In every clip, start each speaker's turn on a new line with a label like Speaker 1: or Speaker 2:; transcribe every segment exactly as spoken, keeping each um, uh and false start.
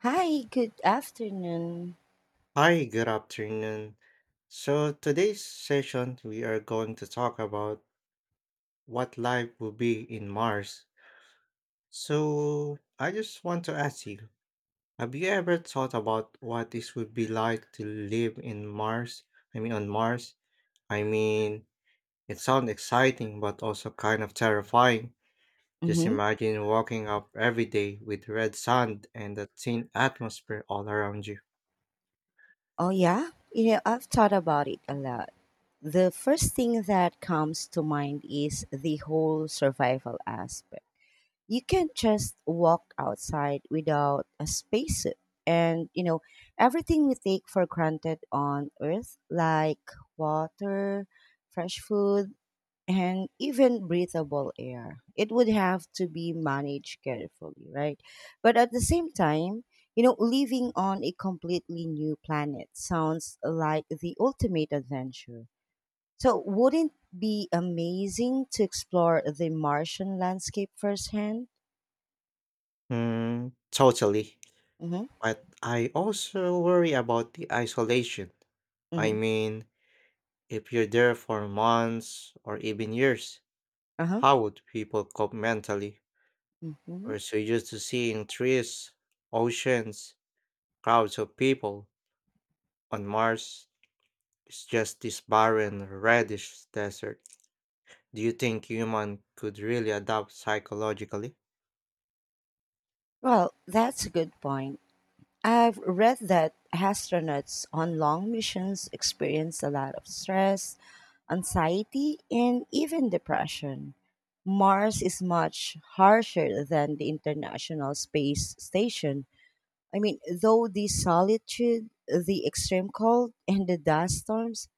Speaker 1: Hi, good afternoon.
Speaker 2: Hi, good afternoon. So, today's session, we are going to talk about what life will be in Mars. So, I just want to ask you, have you ever thought about what this would be like to live in Mars? I mean, on Mars? I mean, it sounds exciting, but also kind of terrifying. Just
Speaker 1: Mm-hmm.
Speaker 2: imagine walking up every day with red sand and a thin atmosphere all around you.
Speaker 1: Oh, yeah. You know, I've thought about it a lot. The first thing that comes to mind is the whole survival aspect. You can't just walk outside without a spacesuit. And, you know, everything we take for granted on Earth, like water, fresh food, and even breathable air, it would have to be managed carefully, right? But at the same time, you know, living on a completely new planet sounds like the ultimate adventure. So, wouldn't it be amazing to explore the Martian landscape firsthand?
Speaker 2: Hmm, totally.
Speaker 1: Mm-hmm.
Speaker 2: But I also worry about the isolation. I
Speaker 1: Mm-hmm.
Speaker 2: mean, if you're there for months or even years,
Speaker 1: Uh-huh.
Speaker 2: how would people cope mentally?
Speaker 1: Mm-hmm.
Speaker 2: We're so used to seeing trees, oceans, crowds of people. On Mars, it's just this barren, reddish desert. Do you think human could really adapt psychologically?
Speaker 1: Well, that's a good point. I've read that astronauts on long missions experience a lot of stress, anxiety, and even depression. Mars is much harsher than the International Space Station. I mean, though the solitude, the extreme cold, and the dust storms,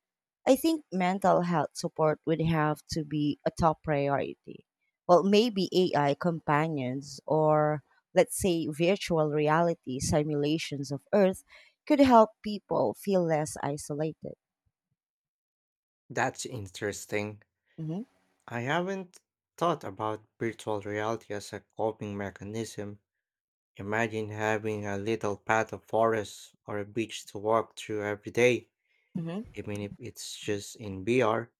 Speaker 1: I think mental health support would have to be a top priority. Well, maybe A I companions or, let's say, virtual reality simulations of Earth could help people feel less isolated.
Speaker 2: That's interesting.
Speaker 1: Hmm.
Speaker 2: I haven't thought about virtual reality as a coping mechanism. Imagine having a little path of forest or a beach to walk through every day,
Speaker 1: Hmm.
Speaker 2: even if it's just in B R.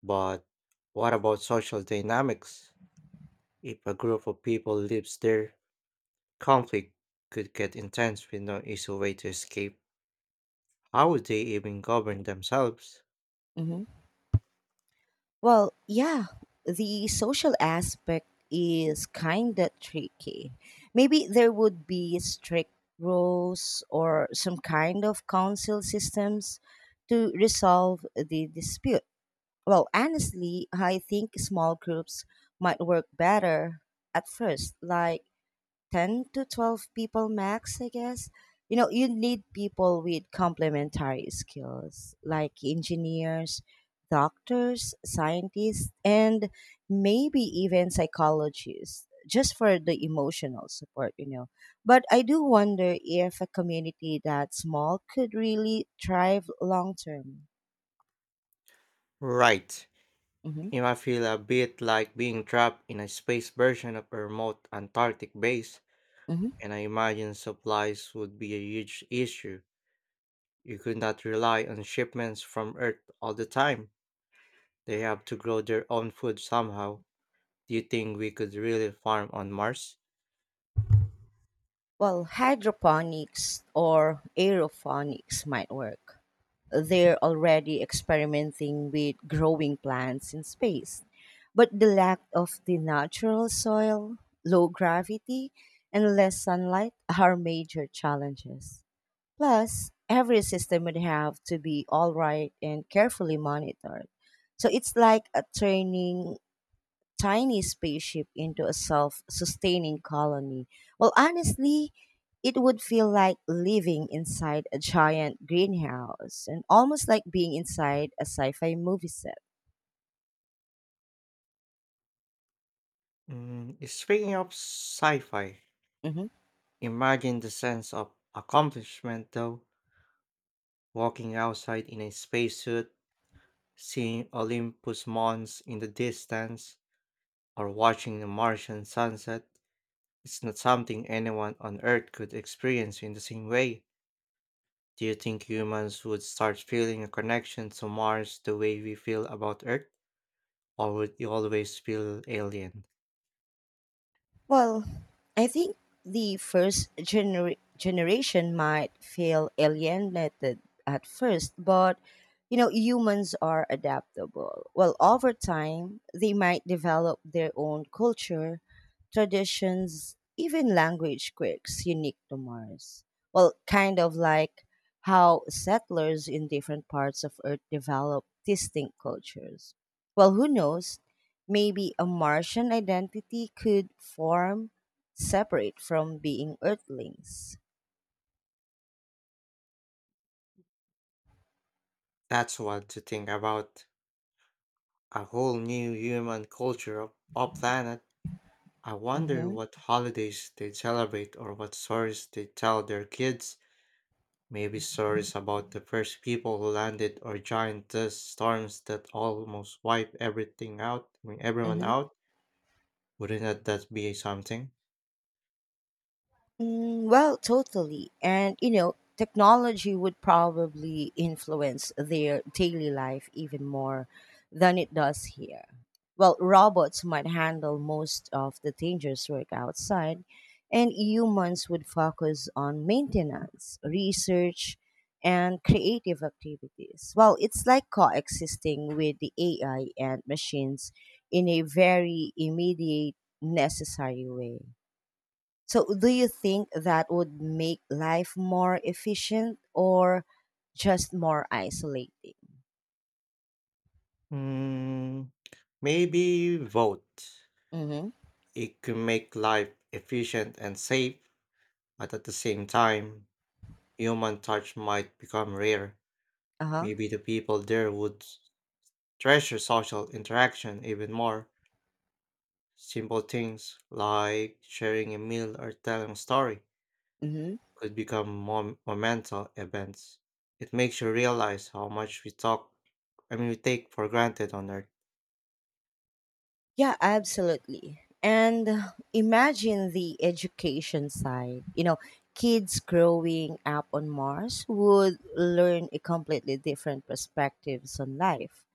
Speaker 2: But what about social dynamics? If a group of people lives there, conflict could get intense with no easy way to escape. How would they even govern themselves?
Speaker 1: Hmm. Well, yeah, the social aspect is kind of tricky. Maybe there would be strict rules or some kind of council systems to resolve the dispute. Well, honestly, I think small groups might work better at first, like ten to twelve people max, I guess. You know, you need people with complementary skills, like engineers, doctors, scientists, and maybe even psychologists, just for the emotional support. You know but I do wonder if a community that small could really thrive long term.
Speaker 2: Right.
Speaker 1: Hmm.
Speaker 2: It might feel a bit like being trapped in a space version of a remote Antarctic base, and I imagine supplies would be a huge issue. You could not rely on shipments from Earth all the time. They have to grow their own food somehow. Do you think we could really farm on Mars?
Speaker 1: Well, hydroponics or aeroponics might work. They're already experimenting with growing plants in space. But the lack of the natural soil, low gravity, and less sunlight are major challenges. Plus, every system would have to be all right and carefully monitored. So it's like a training tiny spaceship into a self sustaining colony. Well, honestly, it would feel like living inside a giant greenhouse and almost like being inside a sci fi movie set.
Speaker 2: Mm, speaking of sci fi,
Speaker 1: Mm-hmm.
Speaker 2: imagine the sense of accomplishment though, walking outside in a spacesuit, seeing Olympus Mons in the distance, or watching the Martian sunset. It's not something anyone on Earth could experience in the same way. Do you think humans would start feeling a connection to Mars the way we feel about Earth, or would you always feel alien?
Speaker 1: Well, I think the first gener- generation might feel alienated at first, but you know, humans are adaptable. Well, over time, they might develop their own culture, traditions, even language quirks unique to Mars. Well, kind of like how settlers in different parts of Earth develop distinct cultures. Well, who knows? Maybe a Martian identity could form separate from being Earthlings.
Speaker 2: That's what to think about. A whole new human culture of a planet. I wonder
Speaker 1: Mm-hmm.
Speaker 2: what holidays they celebrate or what stories they tell their kids. Maybe stories about the first people who landed or giant dust storms that almost wipe everything out, I mean everyone
Speaker 1: Mm-hmm.
Speaker 2: out. Wouldn't that that be something?
Speaker 1: Mm, well, totally. And, you know, technology would probably influence their daily life even more than it does here. Well, robots might handle most of the dangerous work outside, and humans would focus on maintenance, research, and creative activities. Well, it's like coexisting with the A I and machines in a very immediate, necessary way. So, do you think that would make life more efficient or just more isolating?
Speaker 2: Hmm. Maybe vote.
Speaker 1: Mm-hmm.
Speaker 2: It could make life efficient and safe, but at the same time, human touch might become rare.
Speaker 1: Uh huh.
Speaker 2: Maybe the people there would treasure social interaction even more. Simple things like sharing a meal or telling a story
Speaker 1: Mm-hmm.
Speaker 2: could become mom- momental events. It makes you realize how much we talk, I mean, we take for granted on Earth.
Speaker 1: Yeah, absolutely. And uh, imagine the education side. You know, kids growing up on Mars would learn a completely different perspectives on life,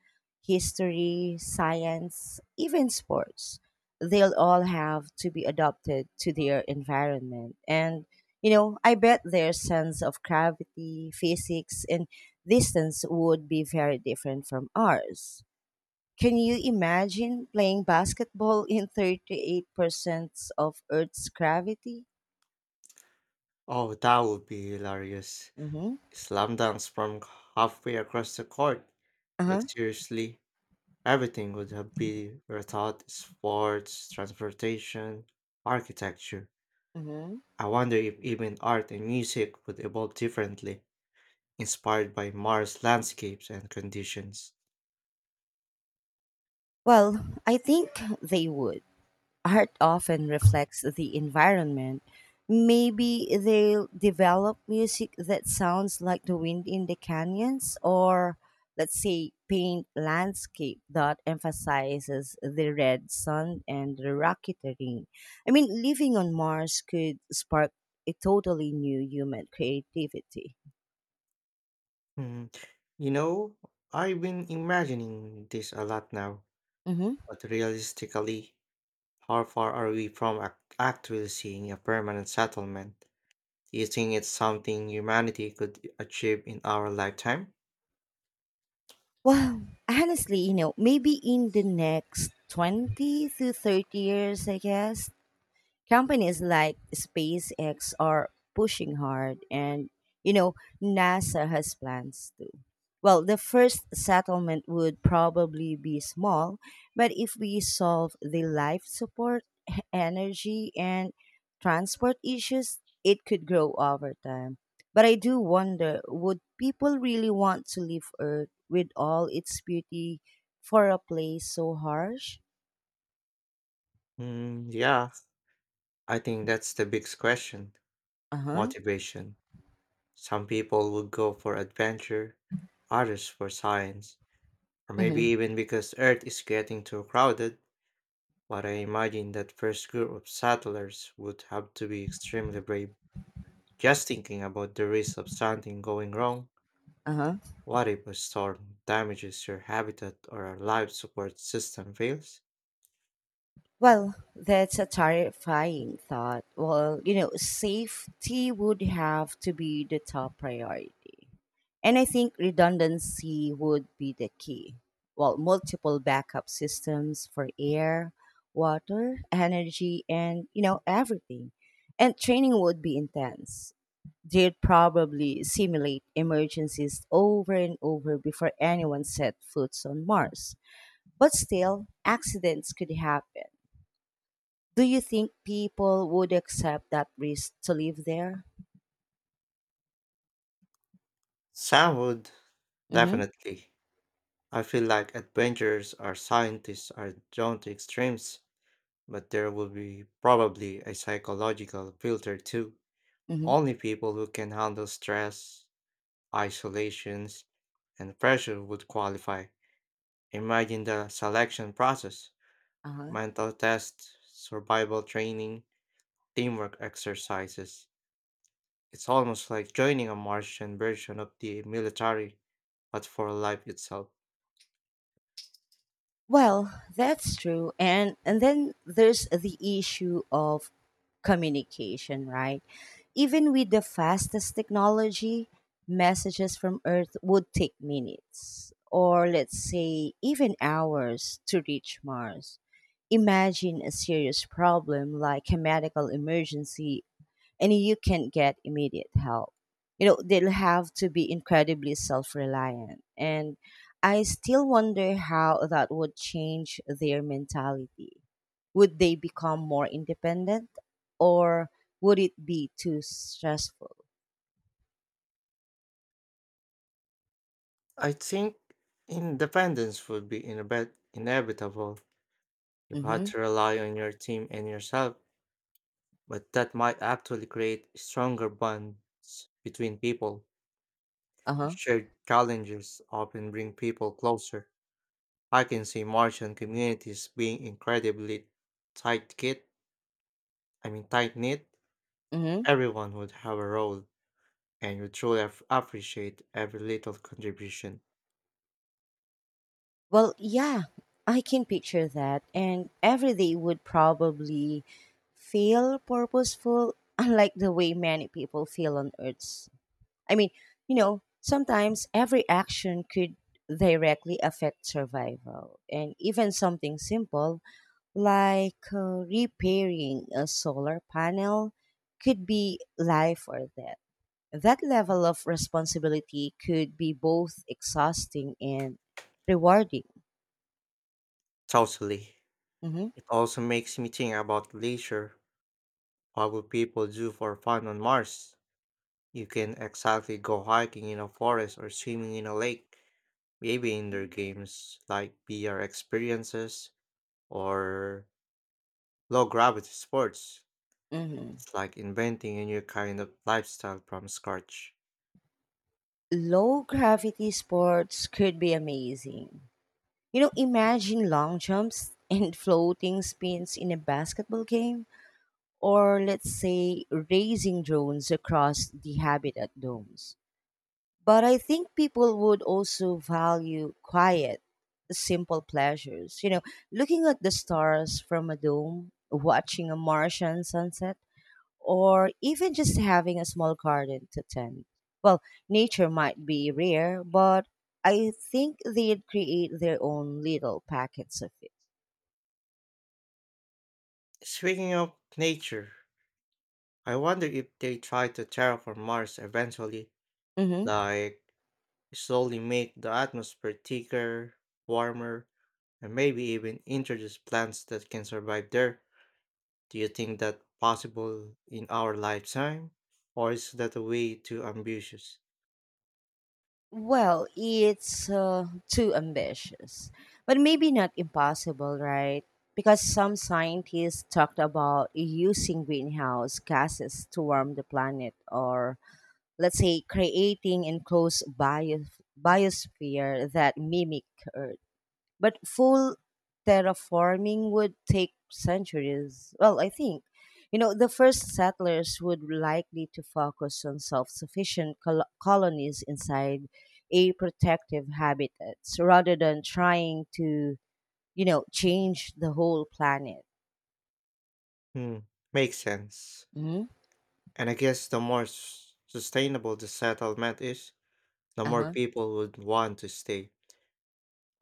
Speaker 1: history, science, even sports. They'll all have to be adapted to their environment. And, you know, I bet their sense of gravity, physics, and distance would be very different from ours. Can you imagine playing basketball in thirty-eight percent of Earth's gravity?
Speaker 2: Oh, that would be hilarious.
Speaker 1: Hmm.
Speaker 2: Slam dunks from halfway across the court.
Speaker 1: Uh-huh.
Speaker 2: But seriously, everything would have been rethought sports, transportation, architecture.
Speaker 1: Hmm.
Speaker 2: I wonder if even art and music would evolve differently, inspired by Mars landscapes and conditions.
Speaker 1: Well, I think they would. Art often reflects the environment. Maybe they'll develop music that sounds like the wind in the canyons, or, let's say, paint landscape that emphasizes the red sun and the rocky terrain. I mean, living on Mars could spark a totally new human creativity.
Speaker 2: Hmm, you know, I've been imagining this a lot now,
Speaker 1: Mm-hmm.
Speaker 2: but realistically, how far are we from ac- actually seeing a permanent settlement? Do you think it's something humanity could achieve in our lifetime?
Speaker 1: Well, honestly, you know, maybe in the next twenty to thirty years, I guess. Companies like SpaceX are pushing hard, and you know, NASA has plans too. Well, the first settlement would probably be small, but if we solve the life support, energy, and transport issues, it could grow over time. But I do wonder, would people really want to leave Earth with all its beauty for a place so harsh?
Speaker 2: Mm, yeah, I think that's the biggest question,
Speaker 1: Uh huh.
Speaker 2: motivation. Some people would go for adventure, others for science, or maybe
Speaker 1: Mm-hmm.
Speaker 2: even because Earth is getting too crowded. But I imagine that first group of settlers would have to be extremely brave. Just thinking about the risk of something going wrong.
Speaker 1: Uh huh.
Speaker 2: What if a storm damages your habitat or a life support system fails?
Speaker 1: Well, that's a terrifying thought. Well, you know, safety would have to be the top priority. And I think redundancy would be the key. Well, multiple backup systems for air, water, energy, and, you know, everything. And training would be intense. They'd probably simulate emergencies over and over before anyone set foot on Mars. But still, accidents could happen. Do you think people would accept that risk to live there?
Speaker 2: Sound,
Speaker 1: Mm-hmm.
Speaker 2: definitely. I feel like adventurers or scientists are drawn to extremes, but there will be probably a psychological filter too.
Speaker 1: Mm-hmm.
Speaker 2: Only people who can handle stress, isolations, and pressure would qualify. Imagine the selection process,
Speaker 1: Uh-huh.
Speaker 2: mental tests, survival training, teamwork exercises. It's almost like joining a Martian version of the military, but for life itself.
Speaker 1: Well, that's true. And and then there's the issue of communication, right? Even with the fastest technology, messages from Earth would take minutes or, let's say, even hours to reach Mars. Imagine a serious problem like a medical emergency and you can't get immediate help. You know, they'll have to be incredibly self reliant. And I still wonder how that would change their mentality. Would they become more independent or would it be too stressful?
Speaker 2: I think independence would be inevit- inevitable. You had
Speaker 1: Mm-hmm.
Speaker 2: to rely on your team and yourself, but that might actually create stronger bonds between people.
Speaker 1: Uh-huh.
Speaker 2: Shared challenges often bring people closer. I can see Martian communities being incredibly tight-knit. I mean, tight-knit.
Speaker 1: Mm-hmm.
Speaker 2: Everyone would have a role, and would truly ap- appreciate every little contribution.
Speaker 1: Well, yeah, I can picture that. And every day would probably feel purposeful, unlike the way many people feel on Earth's. I mean, you know, sometimes every action could directly affect survival. And even something simple like uh, repairing a solar panel could be life or death. That level of responsibility could be both exhausting and rewarding.
Speaker 2: Totally.
Speaker 1: Hmm.
Speaker 2: It also makes me think about leisure. What would people do for fun on Mars? You can exactly go hiking in a forest or swimming in a lake. Maybe indoor games like V R experiences or low gravity sports.
Speaker 1: Hmm.
Speaker 2: It's like inventing a new kind of lifestyle from scratch.
Speaker 1: Low gravity sports could be amazing. You know, imagine long jumps and floating spins in a basketball game or, let's say, raising drones across the habitat domes. But I think people would also value quiet, simple pleasures. You know, looking at the stars from a dome, watching a Martian sunset, or even just having a small garden to tend. Well, nature might be rare, but I think they'd create their own little packets of it.
Speaker 2: Speaking of nature, I wonder if they try to terraform Mars eventually,
Speaker 1: Mhm.
Speaker 2: like slowly make the atmosphere thicker, warmer, and maybe even introduce plants that can survive there. Do you think that possible in our lifetime? Or is that a way too ambitious?
Speaker 1: Well, it's uh, too ambitious, but maybe not impossible, right? Because some scientists talked about using greenhouse gases to warm the planet, or, let's say, creating enclosed bio- biosphere that mimic Earth. But full terraforming would take centuries. Well, I think. You know, the first settlers would likely to focus on self-sufficient col- colonies inside a protective habitat rather than trying to, you know, change the whole planet.
Speaker 2: Hmm, makes sense.
Speaker 1: Hmm.
Speaker 2: And I guess the more s- sustainable the settlement is, the more
Speaker 1: Uh-huh.
Speaker 2: people would want to stay.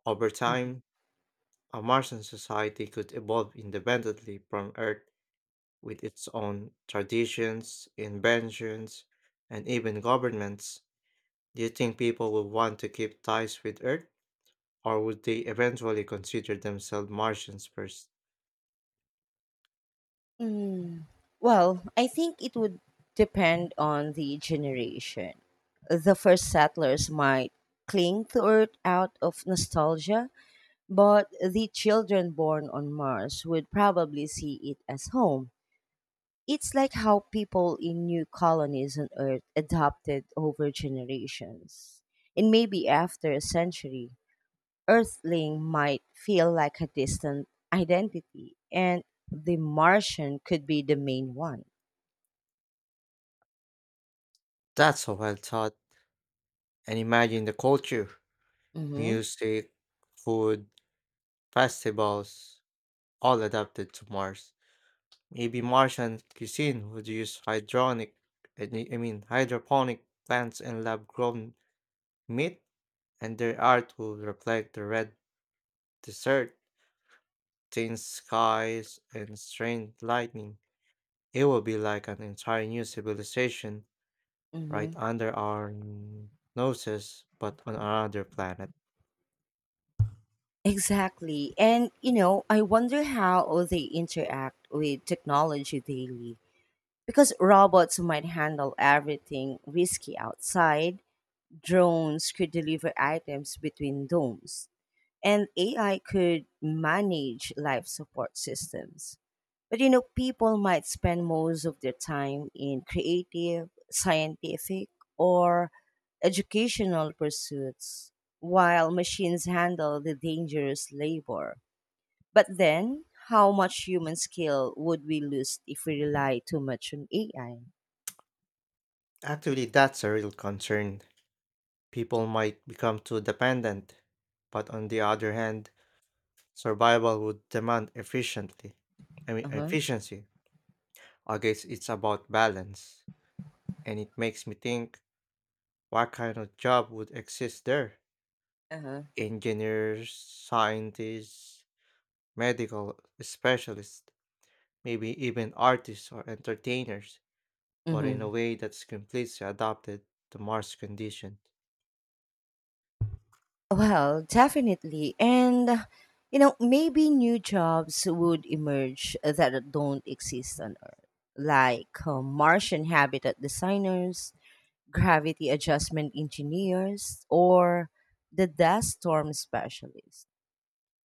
Speaker 2: Over
Speaker 1: Hmm.
Speaker 2: time, a Martian society could evolve independently from Earth with its own traditions, inventions, and even governments. Do you think people would want to keep ties with Earth, or would they eventually consider themselves Martians first?
Speaker 1: Mm, well, I think it would depend on the generation. The first settlers might cling to Earth out of nostalgia. But the children born on Mars would probably see it as home. It's like how people in new colonies on Earth adopted over generations. And maybe after a century, Earthling might feel like a distant identity, and the Martian could be the main one.
Speaker 2: That's a well thought. And imagine the culture,
Speaker 1: Mm-hmm.
Speaker 2: music, food, festivals, all adapted to Mars. Maybe Martian cuisine would use hydronic, I ne- I mean hydroponic plants and lab-grown meat, and their art will reflect the red desert, thin skies, and strange lightning. It will be like an entire new civilization right
Speaker 1: Mm-hmm.
Speaker 2: under our n- noses, but on another planet.
Speaker 1: Exactly. And, you know, I wonder how they interact with technology daily. Because robots might handle everything risky outside, drones could deliver items between domes, and A I could manage life support systems. But you know, people might spend most of their time in creative, scientific, or educational pursuits while machines handle the dangerous labor. But then, how much human skill would we lose if we rely too much on A I?
Speaker 2: Actually, that's a real concern. People might become too dependent, but on the other hand, survival would demand efficiently. I mean,
Speaker 1: Uh-huh.
Speaker 2: efficiency. I guess it's about balance, and it makes me think, what kind of job would exist there?
Speaker 1: Uh-huh.
Speaker 2: Engineers, scientists, medical specialists, maybe even artists or entertainers, but in a
Speaker 1: Mm-hmm.
Speaker 2: way that's completely adapted to Mars conditions.
Speaker 1: Well, definitely. And, uh, you know, maybe new jobs would emerge that don't exist on Earth, like uh, Martian habitat designers, gravity adjustment engineers, or the dust storm specialists.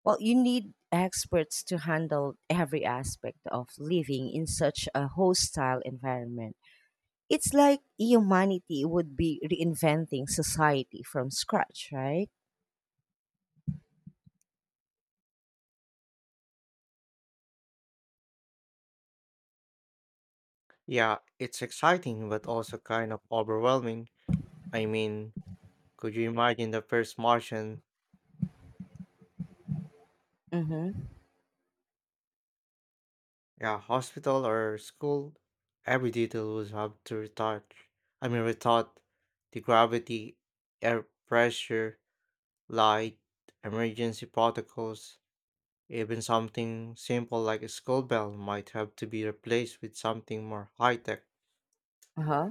Speaker 1: Well, you need experts to handle every aspect of living in such a hostile environment. It's like humanity would be reinventing society from scratch, right?
Speaker 2: Yeah, it's exciting, but also kind of overwhelming. I mean, could you imagine the first Martian,
Speaker 1: Mm-hmm.
Speaker 2: yeah, hospital or school? Every detail would have to retouch. I mean, retouch the gravity, air pressure, light, emergency protocols, even something simple like a school bell might have to be replaced with something more high tech.
Speaker 1: Uh-huh.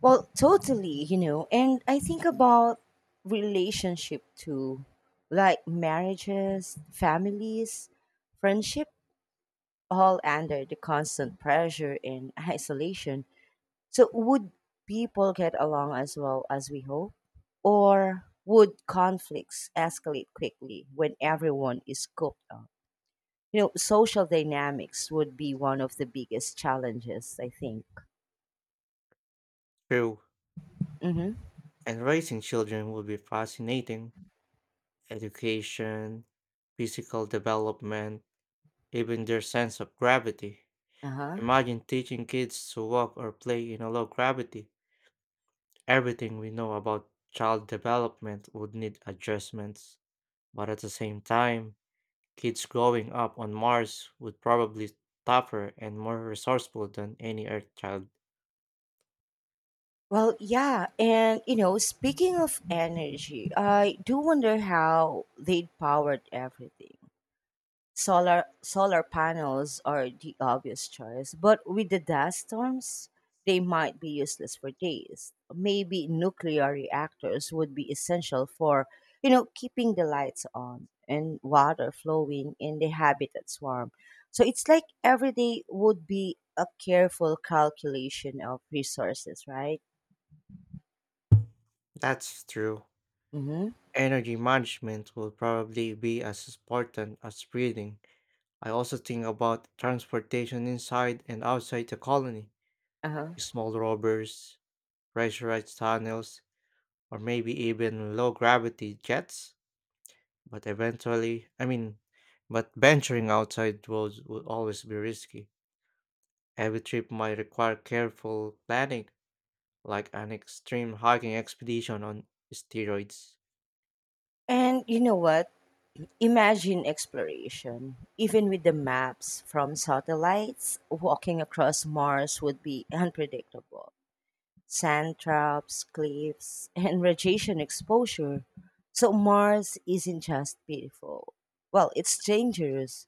Speaker 1: Well, totally, you know, and I think about relationship too, like marriages, families, friendship, all under the constant pressure and isolation. So, would people get along as well as we hope? Or would conflicts escalate quickly when everyone is cooped up? You know, social dynamics would be one of the biggest challenges, I think.
Speaker 2: True,
Speaker 1: Mm-hmm.
Speaker 2: and raising children would be fascinating. Education, physical development, even their sense of gravity.
Speaker 1: Uh-huh.
Speaker 2: Imagine teaching kids to walk or play in a low gravity. Everything we know about child development would need adjustments. But at the same time, kids growing up on Mars would probably tougher and more resourceful than any Earth child.
Speaker 1: Well, yeah. And, you know, speaking of energy, I do wonder how they powered everything. Solar solar panels are the obvious choice, but with the dust storms, they might be useless for days. Maybe nuclear reactors would be essential for, you know, keeping the lights on and water flowing in the habitat's warm. So it's like every day would be a careful calculation of resources, right?
Speaker 2: That's true.
Speaker 1: Mm-hmm.
Speaker 2: Energy management will probably be as important as breathing. I also think about transportation inside and outside the colony,
Speaker 1: Uh-huh.
Speaker 2: small rovers, pressurized tunnels, or maybe even low gravity jets. But eventually, I mean, but venturing outside worlds would always be risky. Every trip might require careful planning, like an extreme hiking expedition on steroids.
Speaker 1: And you know what? Imagine exploration. Even with the maps from satellites, walking across Mars would be unpredictable. Sand traps, cliffs, and radiation exposure. So Mars isn't just beautiful. Well, it's dangerous.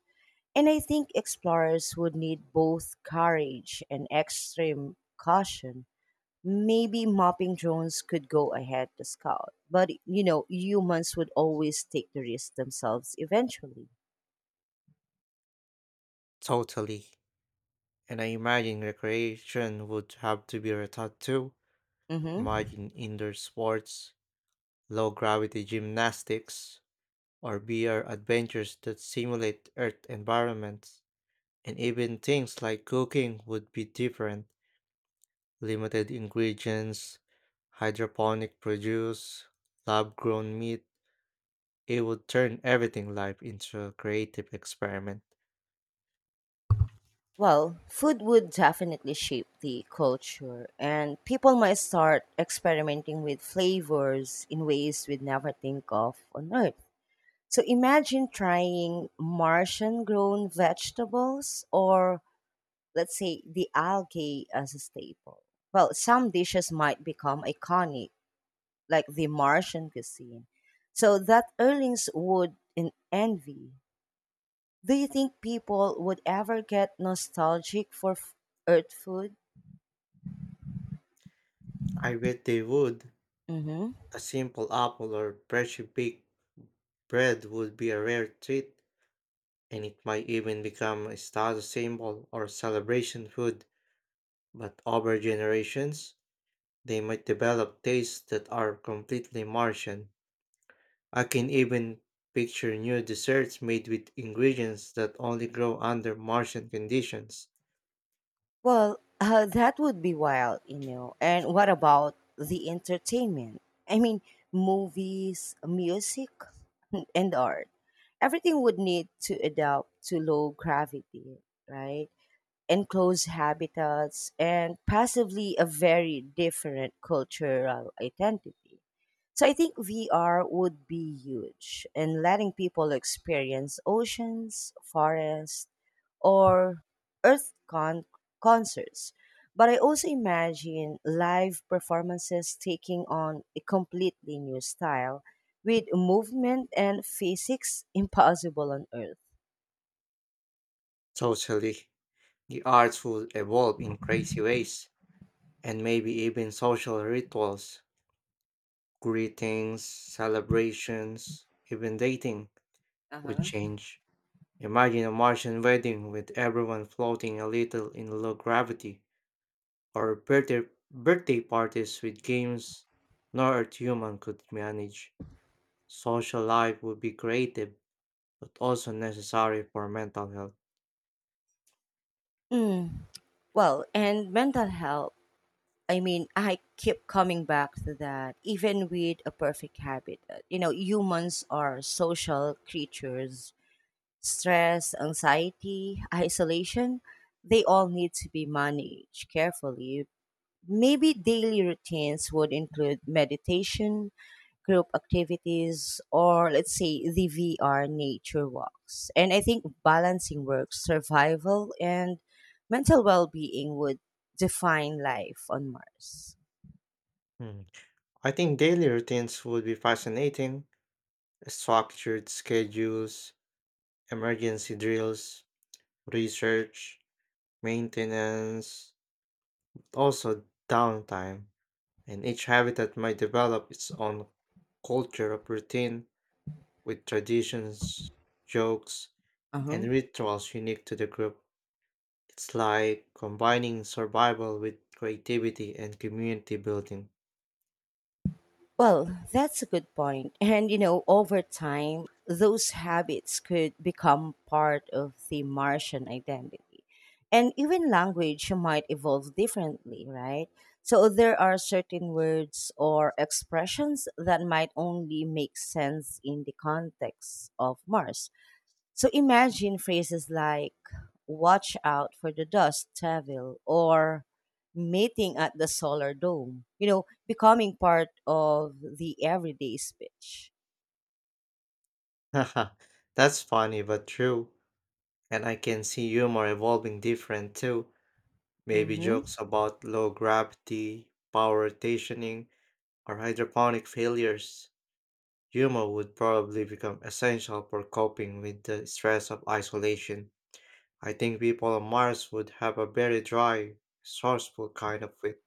Speaker 1: And I think explorers would need both courage and extreme caution. Maybe mapping drones could go ahead to scout, but you know, humans would always take the risk themselves eventually.
Speaker 2: Totally. And I imagine recreation would have to be rethought too.
Speaker 1: Hmm.
Speaker 2: Imagine indoor sports, low gravity gymnastics, or V R adventures that simulate Earth environments. And even things like cooking would be different, limited ingredients, hydroponic produce, lab grown meat. It would turn everything life into a creative experiment.
Speaker 1: Well, food would definitely shape the culture, and people might start experimenting with flavors in ways we'd never think of on Earth. So imagine trying Martian grown vegetables or, let's say, the algae as a staple. Well, some dishes might become iconic, like the Martian cuisine. So that earnings would en- envy. Do you think people would ever get nostalgic for f- Earth food?
Speaker 2: I bet they would.
Speaker 1: Mm-hmm.
Speaker 2: A simple apple or freshly baked bread would be a rare treat, and it might even become a status symbol or celebration food. But over generations, they might develop tastes that are completely Martian. I can even picture new desserts made with ingredients that only grow under Martian conditions.
Speaker 1: Well, uh, that would be wild, you know. And what about the entertainment? I mean, movies, music, and art. Everything would need to adapt to low gravity, right? Enclosed habitats and possibly a very different cultural identity. So I think V R would be huge in letting people experience oceans, forests, or earth con- concerts. But I also imagine live performances taking on a completely new style with movement and physics impossible on earth.
Speaker 2: Totally. The arts will evolve in crazy ways, and maybe even social rituals, greetings, celebrations, even dating would change. Imagine a Martian wedding with everyone floating a little in low gravity, or birthday, birthday parties with games nor Earth human could manage. Social life would be creative, but also necessary for mental health.
Speaker 1: Mm. Well, and mental health, I mean, I keep coming back to that. Even with a perfect habitat, you know, humans are social creatures. Stress, anxiety, isolation, they all need to be managed carefully. Maybe daily routines would include meditation, group activities, or, let's say, the V R nature walks. And I think balancing work, survival, and mental well being would define life on Mars.
Speaker 2: Hmm. I think daily routines would be fascinating. Structured schedules, emergency drills, research, maintenance, also downtime. And each habitat might develop its own culture of routine with traditions, jokes, and
Speaker 1: Uh-huh.
Speaker 2: rituals unique to the group. It's like combining survival with creativity and community building.
Speaker 1: Well, that's a good point. And you know, over time, those habits could become part of the Martian identity. And even language might evolve differently, right? So there are certain words or expressions that might only make sense in the context of Mars. So imagine phrases like watch out for the dust devil or meeting at the solar dome, you know, becoming part of the everyday speech.
Speaker 2: Haha, that's funny but true. And I can see humor evolving different too. Maybe
Speaker 1: Mm-hmm.
Speaker 2: jokes about low gravity, power rotationing, or hydroponic failures. Humor would probably become essential for coping with the stress of isolation. I think people on Mars would have a very dry, resourceful kind of wit.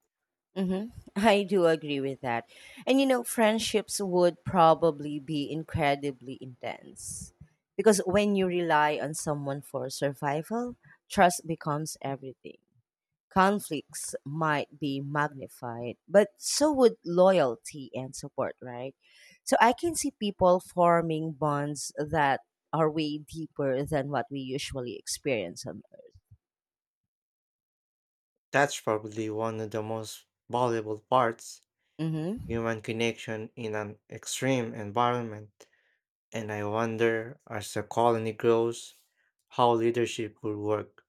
Speaker 1: Mm-hmm. I do agree with that. And you know, friendships would probably be incredibly intense because when you rely on someone for survival, trust becomes everything. Conflicts might be magnified, but so would loyalty and support, right? So I can see people forming bonds that are way deeper than what we usually experience on Earth.
Speaker 2: That's probably one of the most valuable parts,
Speaker 1: Mm-hmm.
Speaker 2: human connection in an extreme environment. And I wonder, as the colony grows, how leadership will work.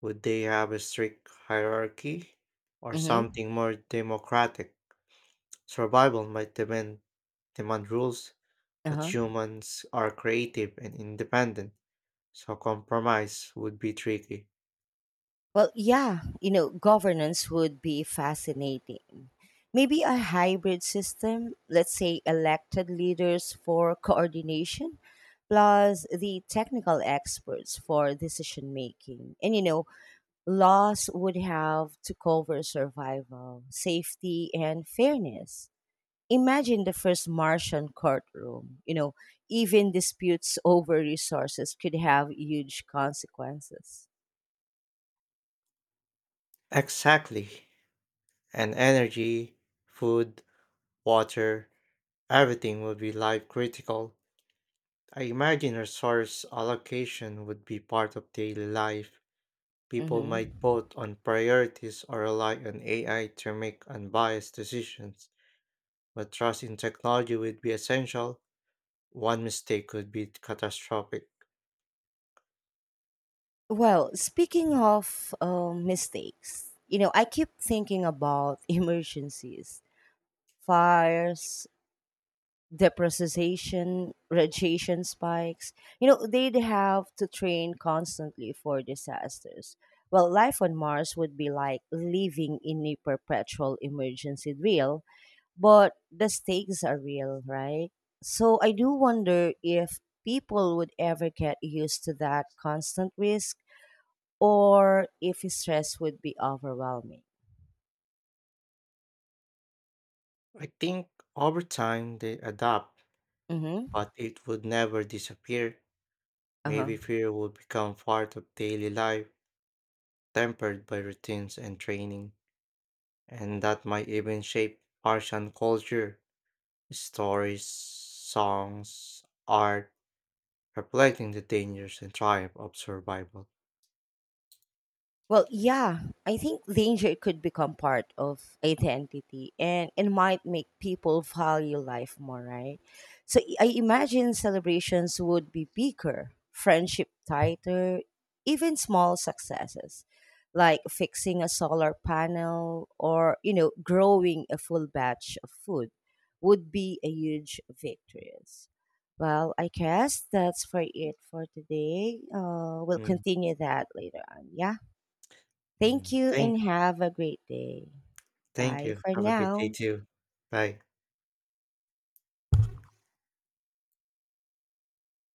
Speaker 2: Would they have a strict hierarchy or
Speaker 1: Mm-hmm.
Speaker 2: something more democratic? Survival might demand, demand rules, but
Speaker 1: Uh-huh.
Speaker 2: humans are creative and independent, so compromise would be tricky.
Speaker 1: Well, yeah, you know, governance would be fascinating. Maybe a hybrid system, let's say elected leaders for coordination, plus the technical experts for decision making. And you know, laws would have to cover survival, safety, and fairness. Imagine the first Martian courtroom. You know, even disputes over resources could have huge consequences.
Speaker 2: Exactly. And energy, food, water, everything would be life critical. I imagine resource allocation would be part of daily life. People might
Speaker 1: Hmm.
Speaker 2: vote on priorities or rely on A I to make unbiased decisions, but trust in technology would be essential. One mistake could be catastrophic.
Speaker 1: Well, speaking of um, mistakes, you know, I keep thinking about emergencies, fires, depreciation, radiation spikes. You know, they'd have to train constantly for disasters. Well, life on Mars would be like living in a perpetual emergency drill, but the stakes are real, right? So I do wonder if people would ever get used to that constant risk or if stress would be overwhelming.
Speaker 2: I think over time they adapt,
Speaker 1: Mm-hmm.
Speaker 2: but it would never disappear.
Speaker 1: Uh-huh.
Speaker 2: Maybe fear will become part of daily life, tempered by routines and training, and that might even shape Persian culture, stories, songs, art, reflecting the dangers and triumph of survival.
Speaker 1: Well, yeah, I think danger could become part of identity and it might make people value life more, right? So I I imagine celebrations would be bigger, friendship tighter, even small successes like fixing a solar panel or, you know, growing a full batch of food would be a huge victories. Well, I guess that's for it for today. Uh, we'll
Speaker 2: Mm,
Speaker 1: continue that later on. Yeah. Thank
Speaker 2: mm.
Speaker 1: you
Speaker 2: Thank,
Speaker 1: and have a great day.
Speaker 2: thank
Speaker 1: Bye
Speaker 2: you.
Speaker 1: for
Speaker 2: Have a good day
Speaker 1: now.
Speaker 2: too. Bye.